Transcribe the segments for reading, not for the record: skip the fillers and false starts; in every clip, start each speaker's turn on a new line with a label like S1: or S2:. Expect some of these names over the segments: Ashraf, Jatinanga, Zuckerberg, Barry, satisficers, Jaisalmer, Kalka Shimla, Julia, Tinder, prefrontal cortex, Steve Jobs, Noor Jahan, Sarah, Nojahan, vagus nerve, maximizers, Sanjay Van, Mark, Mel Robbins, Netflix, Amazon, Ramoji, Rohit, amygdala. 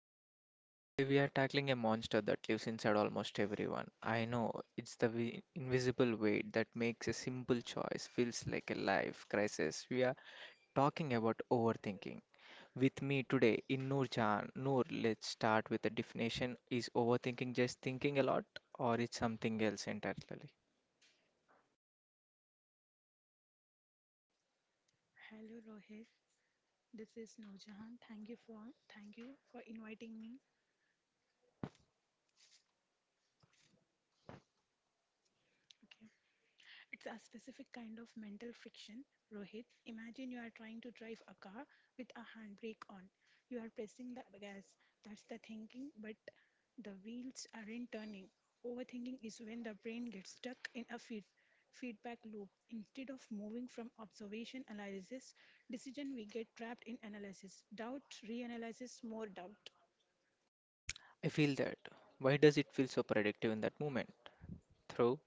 S1: your host Rohit. Today we are tackling a monster that lives inside almost everyone. I know it's the invisible weight that makes a simple choice feels like a life crisis. We are talking about overthinking. With me today in Noor Jahan. Noor, let's start with the definition. Is overthinking just thinking a lot or it's something else entirely?
S2: Hello Rohit, this is Nojahan. Thank you for inviting me. Okay. It's a specific kind of mental friction. Rohit, imagine you are trying to drive a car with a handbrake on. You are pressing the gas. That's the thinking, but the wheels aren't turning. Overthinking is when the brain gets stuck in a feedback loop. Instead of moving from observation analysis, decision we get trapped in analysis. Doubt, reanalysis, more doubt.
S1: I feel that. Why does it feel so predictive in that moment? Throw.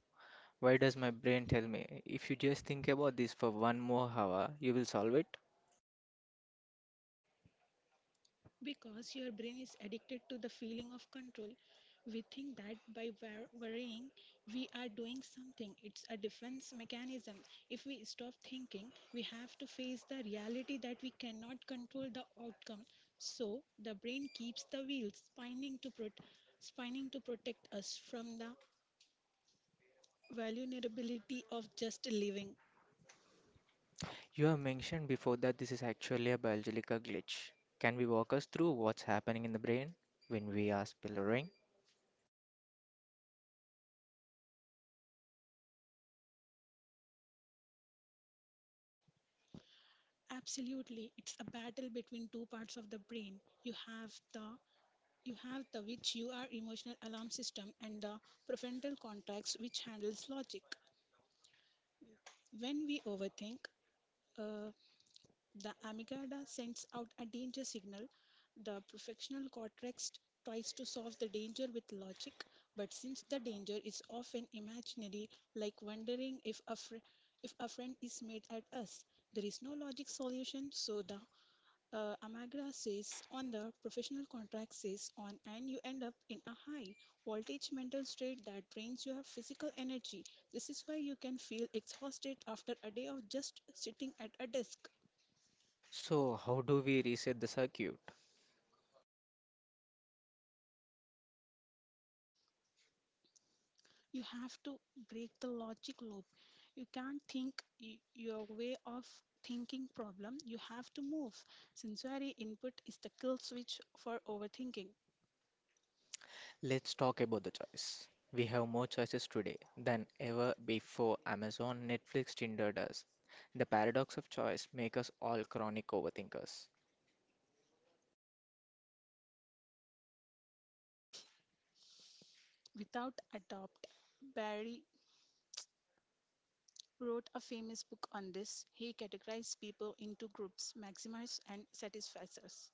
S1: Why does my brain tell me if you just think about this for one more hour, you will solve it?
S2: Because your brain is addicted to the feeling of control, we think that by worrying, we are doing something. It's a defense mechanism. If we stop thinking, we have to face the reality that we cannot control the outcome. So the brain keeps the wheels spinning to spinning to protect us from the vulnerability of just living.
S1: You have mentioned before that this is actually a biological glitch. Can we walk us through what's happening in the brain when we are spillering?
S2: Absolutely, it's a battle between two parts of the brain. You have the which you are emotional alarm system and the prefrontal cortex which handles logic. When we overthink, uh, the amygdala sends out a danger signal. The prefrontal cortex tries to solve the danger with logic, but since the danger is often imaginary, like wondering if a friend is made at us, there is no logic solution, so the Amagra says on the professional contract says on, and you end up in a high voltage mental state that drains your physical energy. This is why you can feel exhausted after a day of just sitting at a desk.
S1: So, how do we reset the circuit?
S2: You have to break the logic loop. You can't think your way of thinking problem. You have to move. Sensory input is the kill switch for overthinking.
S1: Let's talk about the choice. We have more choices today than ever before: Amazon, Netflix, Tinder does. The paradox of choice makes us all chronic overthinkers.
S2: Without adopt, Barry wrote a famous book on this. He categorized people into groups, maximizers and satisficers.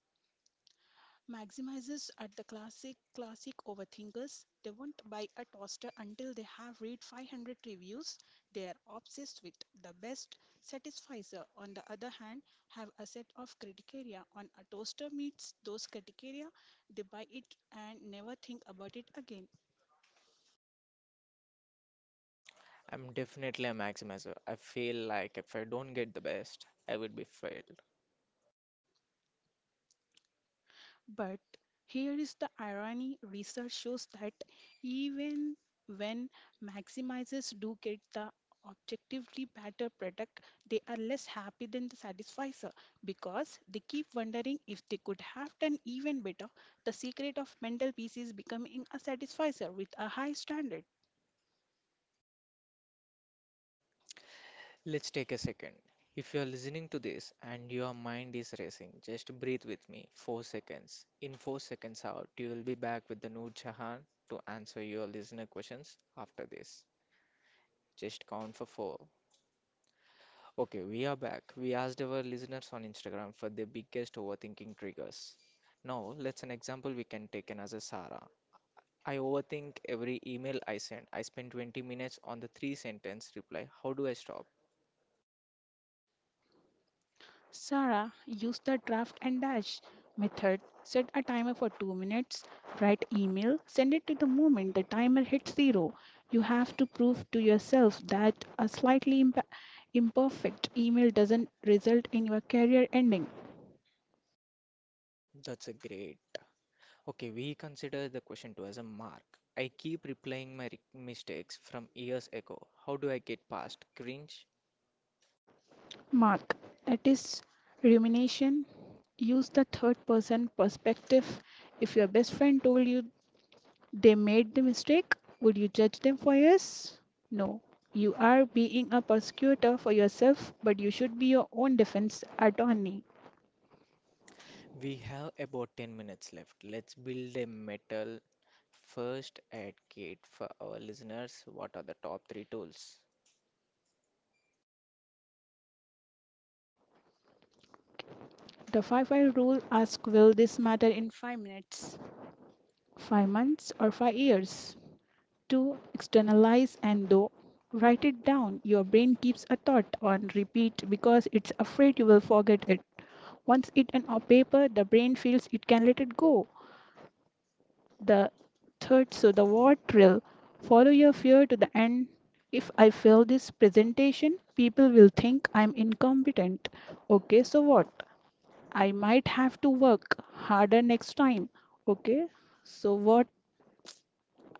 S2: Maximizers are the classic overthinkers. They won't buy a toaster until they have read 500 reviews. They are obsessed with the best. Satisficer, on the other hand, have a set of criteria. On a toaster meets those criteria, they buy it and never think about it again.
S1: I'm definitely a maximizer. I feel like if I don't get the best, I would be failed.
S2: But here is the irony research shows that even when maximizers do get the objectively better product, they are less happy than the satisficer because they keep wondering if they could have done even better. The secret of mental peace is becoming a satisficer with a high standard.
S1: Let's take a second. If you are listening to this and your mind is racing, just breathe with me. 4 seconds. In 4 seconds out, you will be back with the Noor Jahan to answer your listener questions after this. Just count for 4. Okay, we are back. We asked our listeners on Instagram for their biggest overthinking triggers. Now, let's an example we can take in as a Sarah. I overthink every email I send. I spend 20 minutes on the three sentence reply. How do I stop?
S2: Sarah used the draft and dash method. Set a timer for 2 minutes, write email, send it to the moment the timer hits 0. You have to prove to yourself that a slightly imperfect email doesn't result in your career ending.
S1: That's a great. Okay, we consider the question two as a mark. I keep replaying my mistakes from years ago. How do I get past cringe?
S2: Mark, that is rumination. Use the third person perspective. If your best friend told you they made the mistake. Would you judge them for yes? No. You are being a prosecutor for yourself, but you should be your own defense attorney.
S1: We have about 10 minutes left. Let's build a metal first aid kit for our listeners. What are the top three tools?
S2: The five I rule asks will this matter in 5 minutes, 5 months, or 5 years? Two. Externalize and though write it down. Your brain keeps a thought on repeat because it's afraid you will forget it. Once it on paper, the brain feels it can let it go. The third, so the what drill. Follow your fear to the end. If I fail this presentation, people will think I'm incompetent. Okay, so what? I might have to work harder next time. Okay, so what?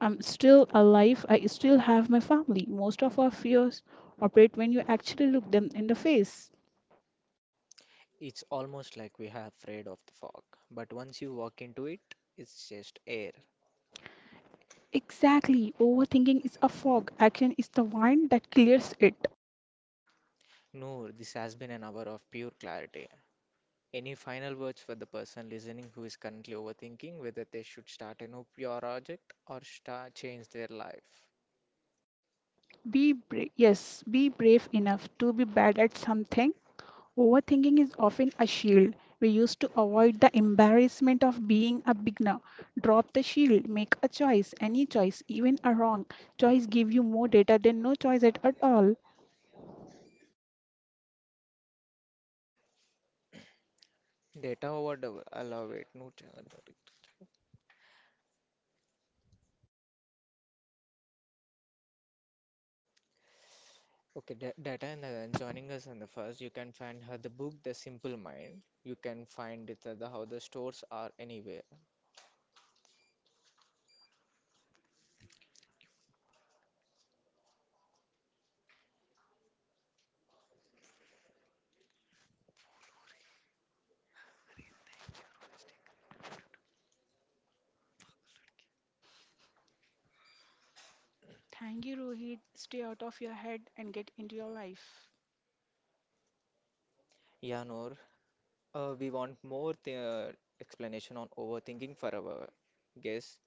S2: I'm still alive. I still have my family. Most of our fears operate when you actually look them in the face.
S1: It's almost like we are afraid of the fog, but once you walk into it, it's just air.
S2: Exactly. Overthinking is a fog. Action is the wine that clears it.
S1: Noor, this has been an hour of pure clarity. Any final words for the person listening who is currently overthinking whether they should start a new project or start change their life?
S2: Be brave. Yes, be brave enough to be bad at something. Overthinking is often a shield we use to avoid the embarrassment of being a beginner. Drop the shield, make a choice, any choice, even a wrong choice give you more data than no choice at all.
S1: Data overdose. I love it. No challenge. Okay, data and then joining us on the first, you can find her the book The Simple Mind. You can find it at the how the stores are anywhere.
S2: Thank you, Rohit. Stay out of your head and get into your life.
S1: Yeah, Noor, we want more th explanation on overthinking for our guests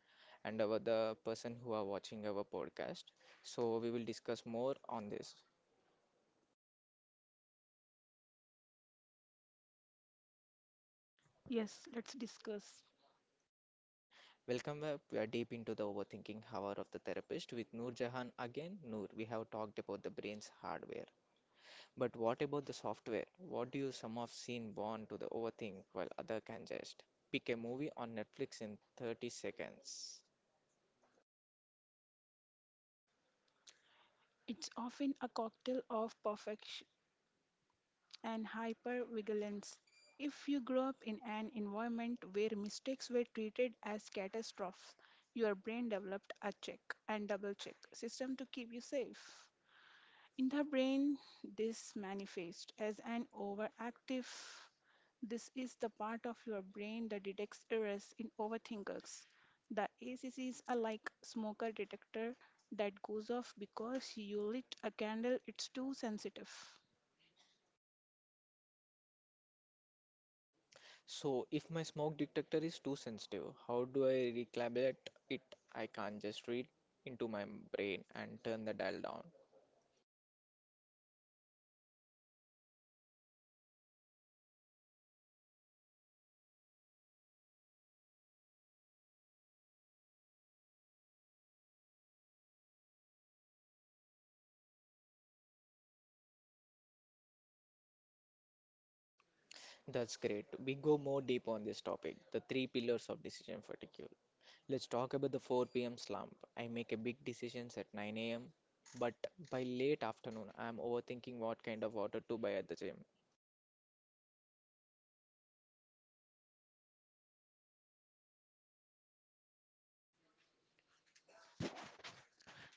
S1: and our the person who are watching our podcast. So we will discuss more on this.
S2: Yes, let's discuss.
S1: Welcome back. We are deep into the overthinking hour of the therapist with Noor Jahan again. Noor, we have talked about the brain's hardware, but what about the software? What do you some have seen born to the overthink while other can just pick a movie on Netflix in 30 seconds?
S2: It's often a cocktail of perfection and hypervigilance. If you grow up in an environment where mistakes were treated as catastrophes, your brain developed a check and double check system to keep you safe. In the brain, this manifests as an overactive. This is the part of your brain that detects errors in overthinkers. The ACCs are like smoker detector that goes off because you lit a candle. It's too sensitive.
S1: So if my smoke detector is too sensitive, how do I recalibrate it? I can't just read into my brain and turn the dial down. That's great. We go more deep on this topic, the three pillars of decision fatigue. Let's talk about the 4 p.m. slump. I make a big decisions at 9 a.m., but by late afternoon, I'm overthinking what kind of water to buy at the gym.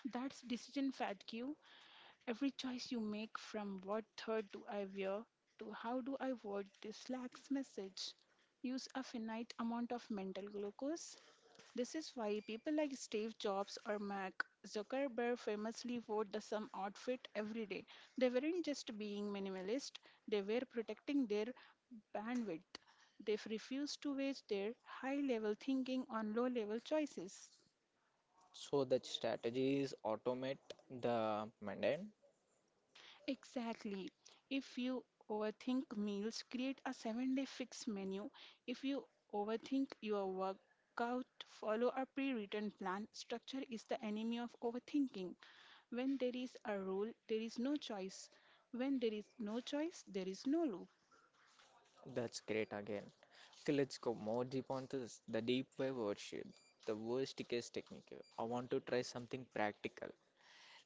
S2: That's decision fatigue. Every choice you make, from what third do I wear to how do I word this lacks message. Use a finite amount of mental glucose. This is why people like Steve Jobs or Mark Zuckerberg famously wore the same outfit every day. They weren't just being minimalist, they were protecting their bandwidth. They refused to waste their high level thinking on low level choices.
S1: So the strategy is automate the mundane.
S2: Exactly. If you overthink meals, create a 7-day fixed menu. If you overthink your workout, follow a pre written plan. Structure is the enemy of overthinking. When there is a rule, there is no choice. When there is no choice, there is no loop.
S1: That's great again. Okay, let's go more deep on this. The deep wave worship, the worst case technique. I want to try something practical.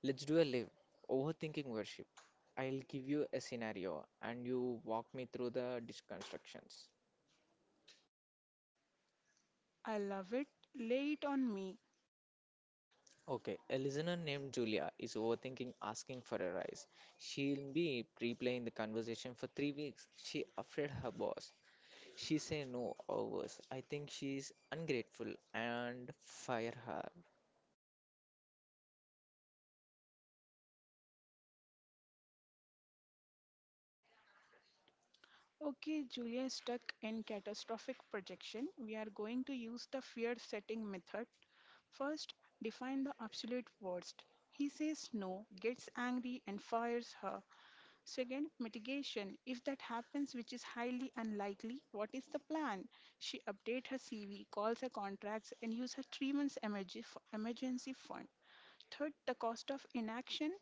S1: Let's do a live overthinking worship. I'll give you a scenario and you walk me through the deconstructions.
S2: I love it. Lay it on me.
S1: Okay, a listener named Julia is overthinking asking for a rise. She'll be replaying the conversation for 3 weeks. She afraid her boss. She say no or worse. I think she's ungrateful and fire her.
S2: Okay, Julia, stuck in catastrophic projection, we are going to use the fear setting method. First, define the absolute worst. He says no, gets angry, and fires her. Second, mitigation. If that happens, which is highly unlikely, what is the plan? She updates her CV, calls her contracts, and uses her 3 months emergency fund. Third, the cost of inaction.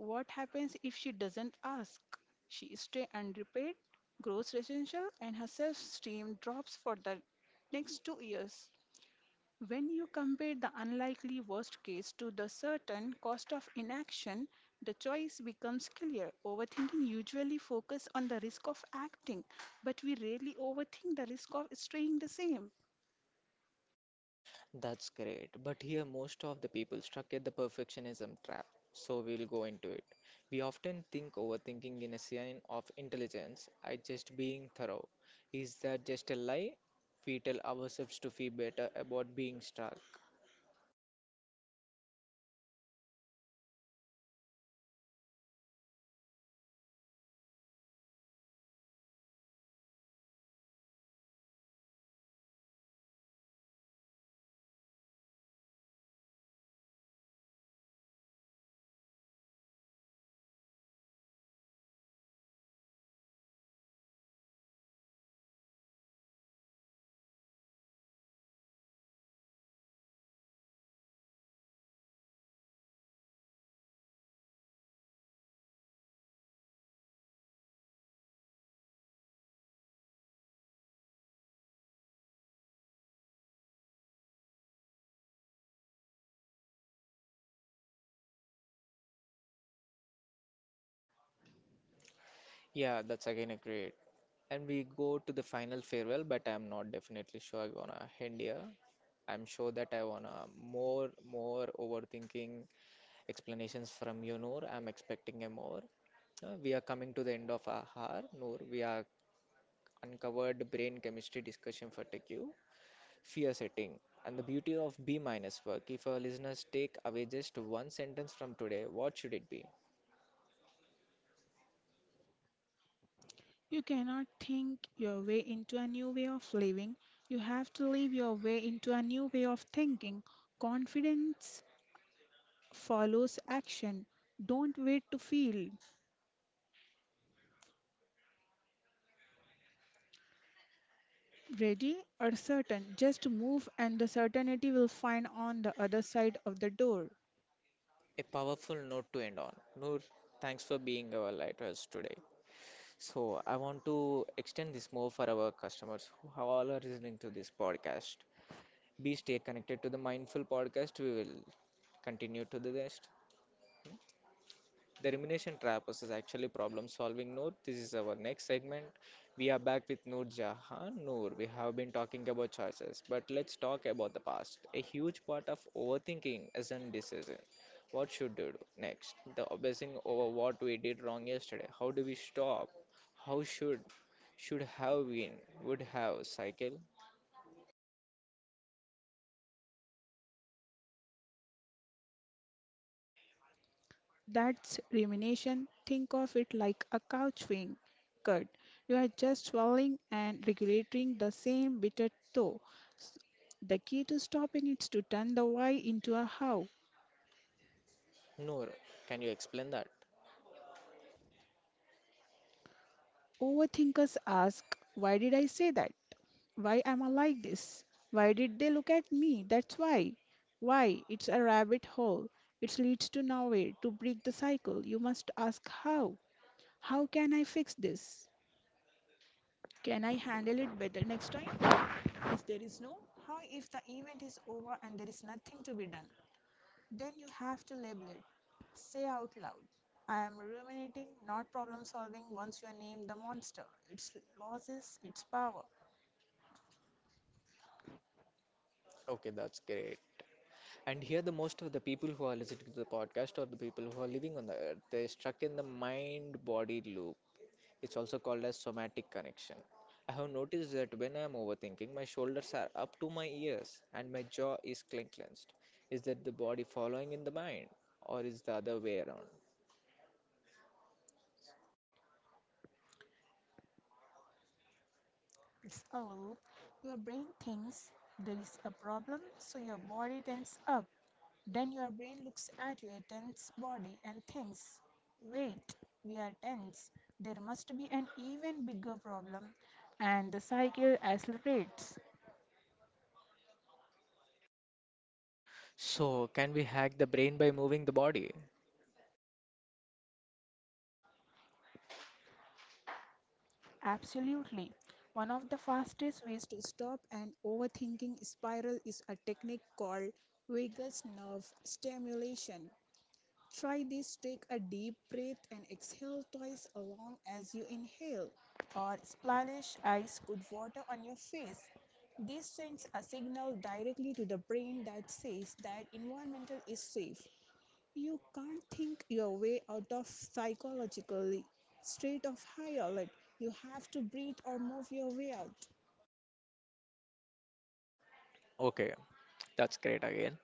S2: What happens if she doesn't ask? She stays underpaid, grows resentful, and her self esteem drops for the next 2 years. When you compare the unlikely worst case to the certain cost of inaction, the choice becomes clear. Overthinking usually focuses on the risk of acting, but we rarely overthink the risk of staying the same.
S1: That's great. But here, most of the people stuck at the perfectionism trap. So we'll go into it. We often think overthinking in a sign of intelligence. I just being thorough. Is that just a lie? We tell ourselves to feel better about being stuck. Yeah, that's again a great. And we go to the final farewell, but I'm not definitely sure I want to end here. I'm sure that I wanna more overthinking explanations from you, Noor. I'm expecting a more. We are coming to the end of our hour, Noor. We are uncovered brain chemistry discussion for TQ, fear setting, and the beauty of B minus work. If our listeners take away just one sentence from today, what should it be?
S2: You cannot think your way into a new way of living. You have to live your way into a new way of thinking. Confidence follows action. Don't wait to feel ready or certain. Just move, and the certainty will find on the other side of the door.
S1: A powerful note to end on. Noor, thanks for being our lighthouse today. So I want to extend this more for our customers who are all are listening to this podcast. Be stay connected to the mindful podcast. We will continue to the rest. The rumination trappers is actually problem solving, Noor. This is our next segment. We are back with Noor Jahan. Noor, we have been talking about choices, but let's talk about the past. A huge part of overthinking is indecision. What should we do next? The obsessing over what we did wrong yesterday. How do we stop? How should have been would have cycle?
S2: That's rumination. Think of it like a couch being cut. You are just swallowing and regulating the same bitter toe. The key to stopping is to turn the why into a how.
S1: Noor, can you explain that?
S2: Overthinkers ask, why did I say that? Why am I like this? Why did they look at me? That's why. Why? It's a rabbit hole. It leads to nowhere. To break the cycle, you must ask how. How can I fix this? Can I handle it better next time? If there is no how, if the event is over and there is nothing to be done, then you have to label it. Say out loud, I am ruminating, not problem solving once you name the monster, its losses, its power.
S1: Okay, that's great. And here, the most of the people who are listening to the podcast or the people who are living on the earth, they're stuck in the mind body loop. It's also called as somatic connection. I have noticed that when I'm overthinking, my shoulders are up to my ears and my jaw is clenched. Is that the body following in the mind, or is the other way around?
S2: It's a loop. Your brain thinks there is a problem, so your body tenses up. Then your brain looks at your tense body and thinks, wait, we are tense. There must be an even bigger problem. And the cycle accelerates.
S1: So, can we hack the brain by moving the body?
S2: Absolutely. One of the fastest ways to stop an overthinking spiral is a technique called vagus nerve stimulation. Try this. Take a deep breath and exhale twice along as you inhale, or splash ice cold water on your face. This sends a signal directly to the brain that says that environmental is safe. You can't think your way out of psychologically state of high alert. You have to breathe or move your way out
S1: Okay, that's great again.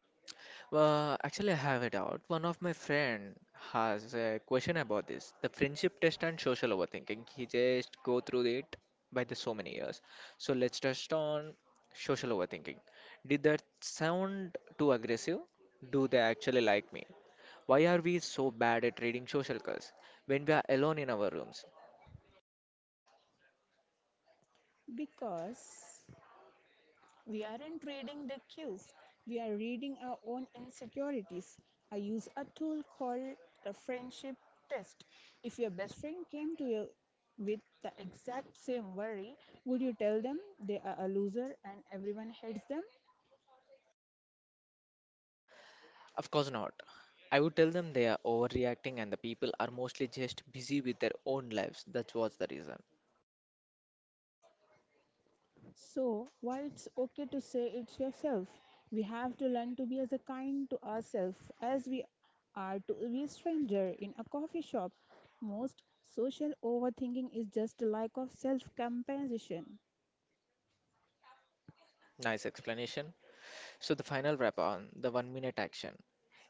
S1: Well, actually, I have a doubt. One of my friend has a question about this, the friendship test and social overthinking. He just go through it by the so many years. So let's test on social overthinking. Did that sound too aggressive? Do they actually like me? Why are we so bad at reading social cues when we are alone in our rooms?
S2: because we aren't reading the cues, we are reading our own insecurities. I use a tool called the friendship test. If your best friend came to you with the exact same worry, would you tell them they are a loser and everyone hates them?
S1: Of course not. I would tell them they are overreacting and the people are mostly just busy with their own lives. That was the reason.
S2: So, while it's okay to say it yourself, we have to learn to be as kind to ourselves as we are to a stranger in a coffee shop. Most social overthinking is just a lack of self compassion.
S1: Nice explanation. So the final wrap on the 1-minute action.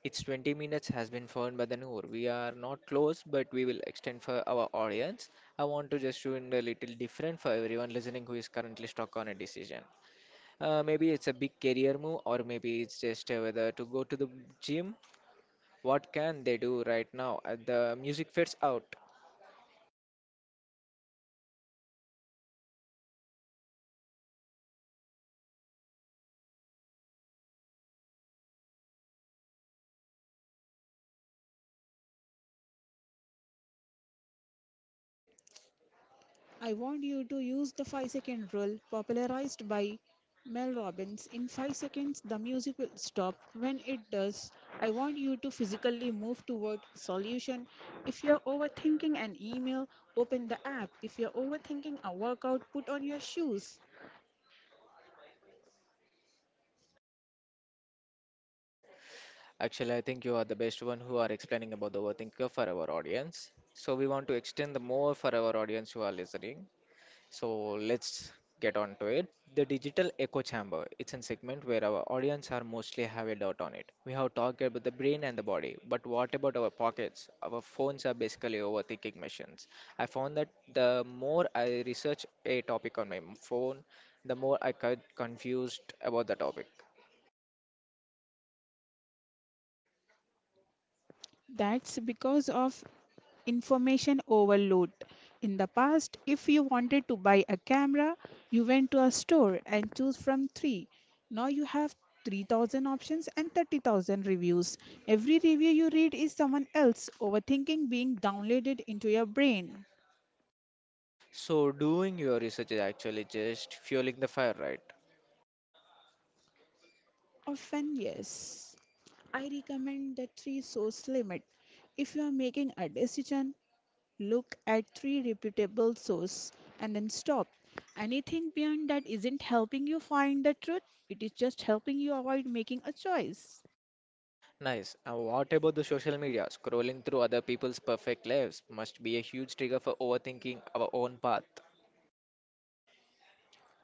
S1: It's 20 minutes has been found by the Noor. We are not close, but we will extend for our audience. I want to just do it a little different for everyone listening who is currently stuck on a decision. Maybe it's a big career move, or maybe it's just whether to go to the gym. What can they do right now at the music fits out?
S2: I want you to use the 5-second rule popularized by Mel Robbins. In 5 seconds, the music will stop. When it does, I want you to physically move toward solution. If you're overthinking an email, open the app. If you're overthinking a workout, put on your shoes.
S1: Actually, I think you are the best one who are explaining about the overthinker for our audience. So we want to extend the more for our audience who are listening. So let's get on to it. The digital echo chamber. It's a segment where our audience are mostly have a doubt on it. We have talked about the brain and the body, but what about our pockets? Our phones are basically overthinking machines. I found that the more I research a topic on my phone, the more I got confused about the topic.
S2: That's because of information overload. In the past, if you wanted to buy a camera, you went to a store and choose from three. Now you have 3,000 options and 30,000 reviews. Every review you read is someone else overthinking being downloaded into your brain.
S1: So doing your research is actually just fueling the fire, right?
S2: Often, yes. I recommend the three source limit. If you are making a decision, look at three reputable sources and then stop. Anything beyond that isn't helping you find the truth, it is just helping you avoid making a choice.
S1: Nice. And what about the social media? Scrolling through other people's perfect lives must be a huge trigger for overthinking our own path.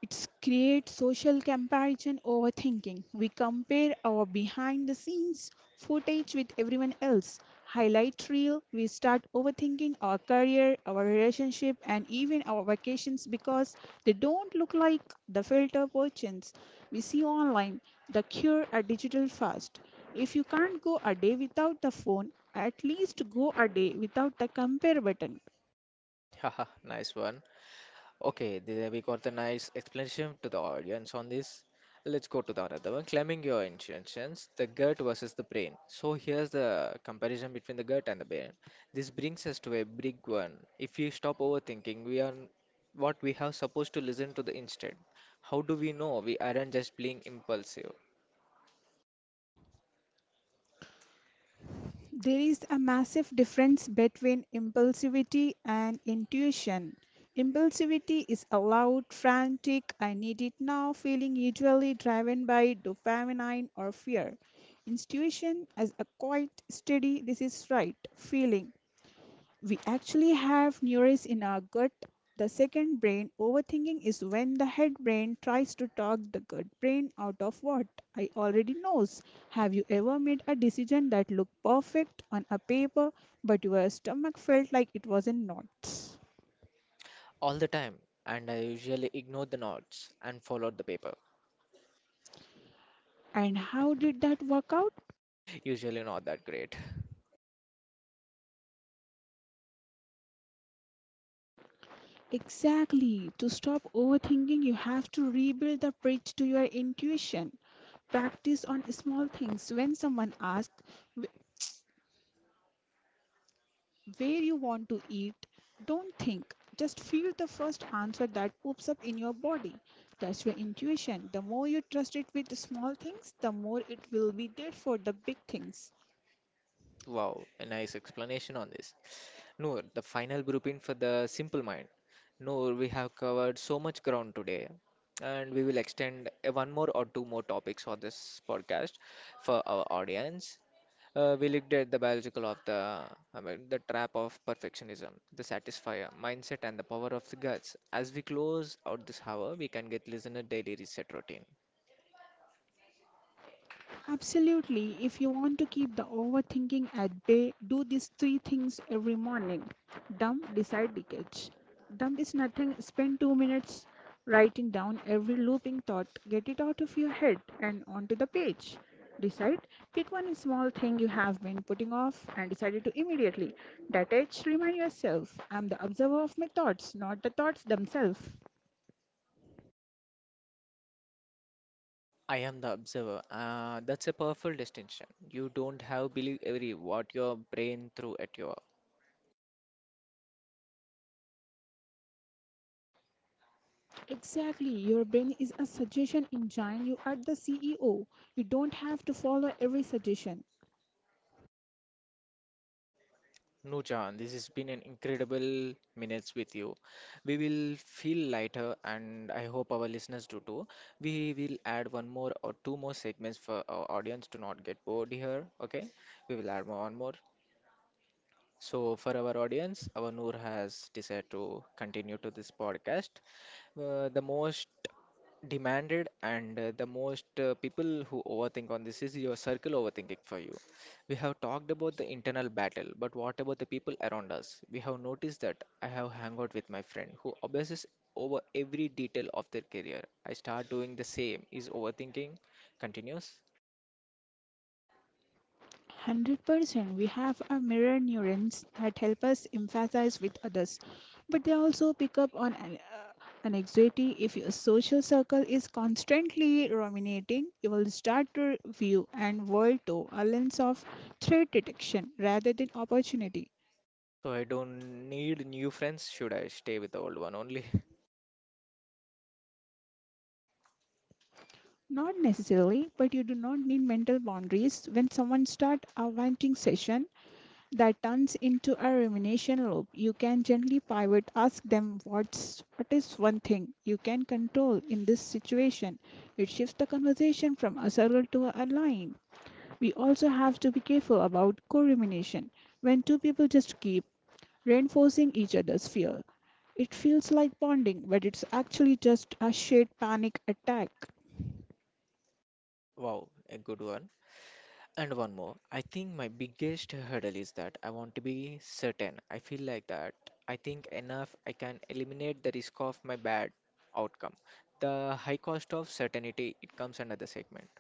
S2: It creates social comparison overthinking. We compare our behind the scenes footage with everyone else. Highlight reel, we start overthinking our career, our relationship, and even our vacations because they don't look like the filter versions we see online. The cure, a digital fast. If you can't go a day without the phone, at least go a day without the compare button.
S1: Haha, nice one. Okay, there we got the nice explanation to the audience on this. Let's go to the another one. Claiming your intentions, the gut versus the brain. So here's the comparison between the gut and the brain. This brings us to a big one. If we stop overthinking, we are what we have supposed to listen to the instant. How do we know we aren't just being impulsive?
S2: There is a massive difference between impulsivity and intuition. Impulsivity is a loud, frantic, I need it now feeling, usually driven by dopamine or fear. Intuition is a quiet, steady, this is right feeling. We actually have neurons in our gut, the second brain. Overthinking is when the head brain tries to talk the gut brain out of what I already knows. Have you ever made a decision that looked perfect on a paper but your stomach felt like it was in knots?
S1: All the time, and I usually ignore the notes and follow the paper.
S2: And how did that work out?
S1: Usually not that great.
S2: Exactly. To stop overthinking, you have to rebuild the bridge to your intuition. Practice on small things. When someone asks where you want to eat, don't think, just feel the first answer that pops up in your body. That's your intuition. The more you trust it with the small things, the more it will be there for the big things.
S1: Wow, a nice explanation on this. Noor, the final grouping for the simple mind. Noor, we have covered so much ground today, and we will extend one more or two more topics on this podcast for our audience. We looked at the biological of the, I mean, the trap of perfectionism, the satisfier mindset, and the power of the guts. As we close out this hour, we can get listener daily reset routine.
S2: Absolutely. If you want to keep the overthinking at bay, do these three things every morning. Dump, decide, engage. Dump is nothing. Spend 2 minutes writing down every looping thought. Get it out of your head and onto the page. Decide. Pick one small thing you have been putting off and decide it to immediately. Detach. Remind yourself, I'm the observer of my thoughts, not the thoughts themselves.
S1: I am the observer. That's a powerful distinction. You don't have believe every what your brain threw at you.
S2: Exactly. Your brain is a suggestion engine. You are the CEO. You don't have to follow every suggestion.
S1: No, John, this has been an incredible minutes with you. We will feel lighter, and I hope our listeners do too. We will add one more or two more segments for our audience to not get bored here. Okay, we will add one more. So, for our audience, our Noor has decided to continue to this podcast. The most demanded and the most people who overthink on this is your circle overthinking for you. We have talked about the internal battle, but what about the people around us? We have noticed that I have hung out with my friend who obsesses over every detail of their career. I start doing the same. Is overthinking continuous?
S2: 100% we have our mirror neurons that help us empathize with others, but they also pick up on anxiety. If your social circle is constantly ruminating, you will start to view and world through a lens of threat detection rather than opportunity.
S1: So I don't need new friends. Should I stay with the old one only?
S2: Not necessarily, but you do not need mental boundaries. When someone start a venting session that turns into a rumination loop, you can gently pivot, ask them what is one thing you can control in this situation. It shifts the conversation from a circle to a line. We also have to be careful about co-rumination. When two people just keep reinforcing each other's fear, it feels like bonding, but it's actually just a shared panic attack.
S1: Wow, a good one. And one more. I think my biggest hurdle is that I want to be certain. I feel like that. I think enough I can eliminate the risk of my bad outcome. The high cost of certainty, it comes under the segment.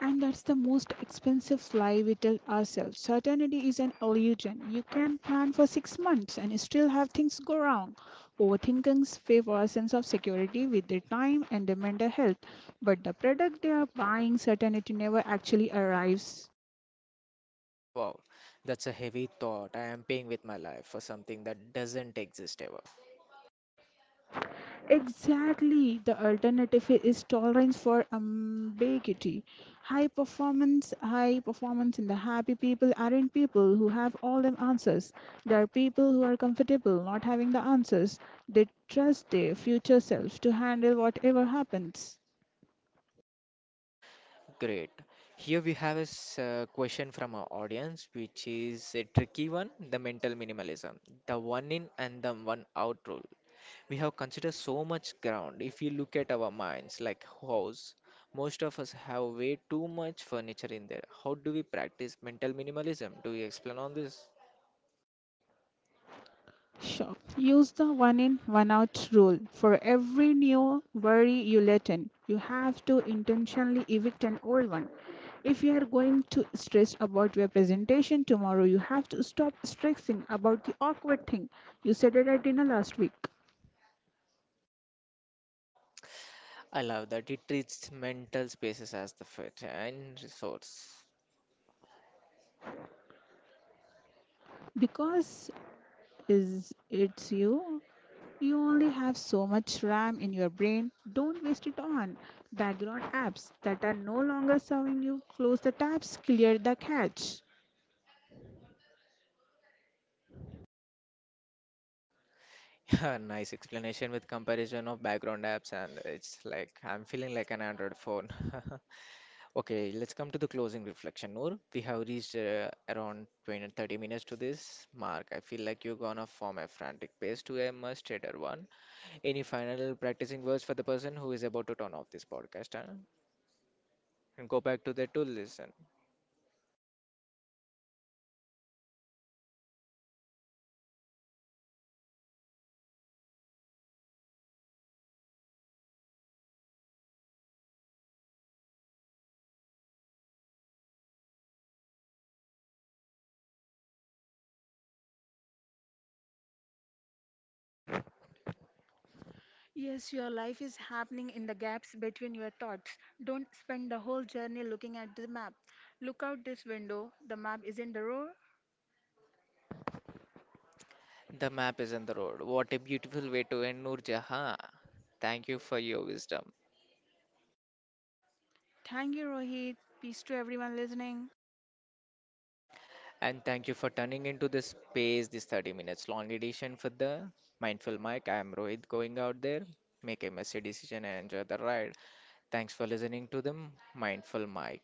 S2: And that's the most expensive lie we tell ourselves. Certainty is an illusion. You can plan for 6 months and still have things go wrong. Overthinking favours a sense of security with their time and their mental health, but the product they are buying, certainty, never actually arrives.
S1: Wow, that's a heavy thought. I am paying with my life for something that doesn't exist ever.
S2: Exactly. The alternative is tolerance for ambiguity. High performance in the happy people aren't people who have all the answers. They are people who are comfortable not having the answers. They trust their future self to handle whatever happens.
S1: Great. Here we have a question from our audience, which is a tricky one, the mental minimalism, the one in and the one out rule. We have considered so much ground. If you look at our minds, like house, most of us have way too much furniture in there. How do we practice mental minimalism? Do you explain on this?
S2: Sure. Use the one in, one out rule. For every new worry you let in, you have to intentionally evict an old one. If you are going to stress about your presentation tomorrow, you have to stop stressing about the awkward thing you said it at dinner last week.
S1: I love that it treats mental spaces as the fit and resource.
S2: Because is it's you, you only have so much RAM in your brain. Don't waste it on background apps that are no longer serving you. Close the tabs, clear the cache.
S1: Nice explanation with comparison of background apps, and it's like I'm feeling like an Android phone. Okay, let's come to the closing reflection, Noor. We have reached around 20 and 30 minutes to this mark. I feel like you're gonna form a frantic pace to a much tighter one. Any final practicing words for the person who is about to turn off this podcast, huh? And go back to their tool listen?
S2: Yes, your life is happening in the gaps between your thoughts. Don't spend the whole journey looking at the map. Look out this window. The map is your hero.
S1: The map is on the road. What a beautiful way to end, Noor Jahan. Thank you for your wisdom
S2: Thank you, Rohit. Peace to everyone listening.
S1: and thank you for turning into this space, this 30 minutes long edition for the Mindful mic. I am Rohit going out there. Make a messy decision and enjoy the ride. Thanks for listening to the Mindful Mic.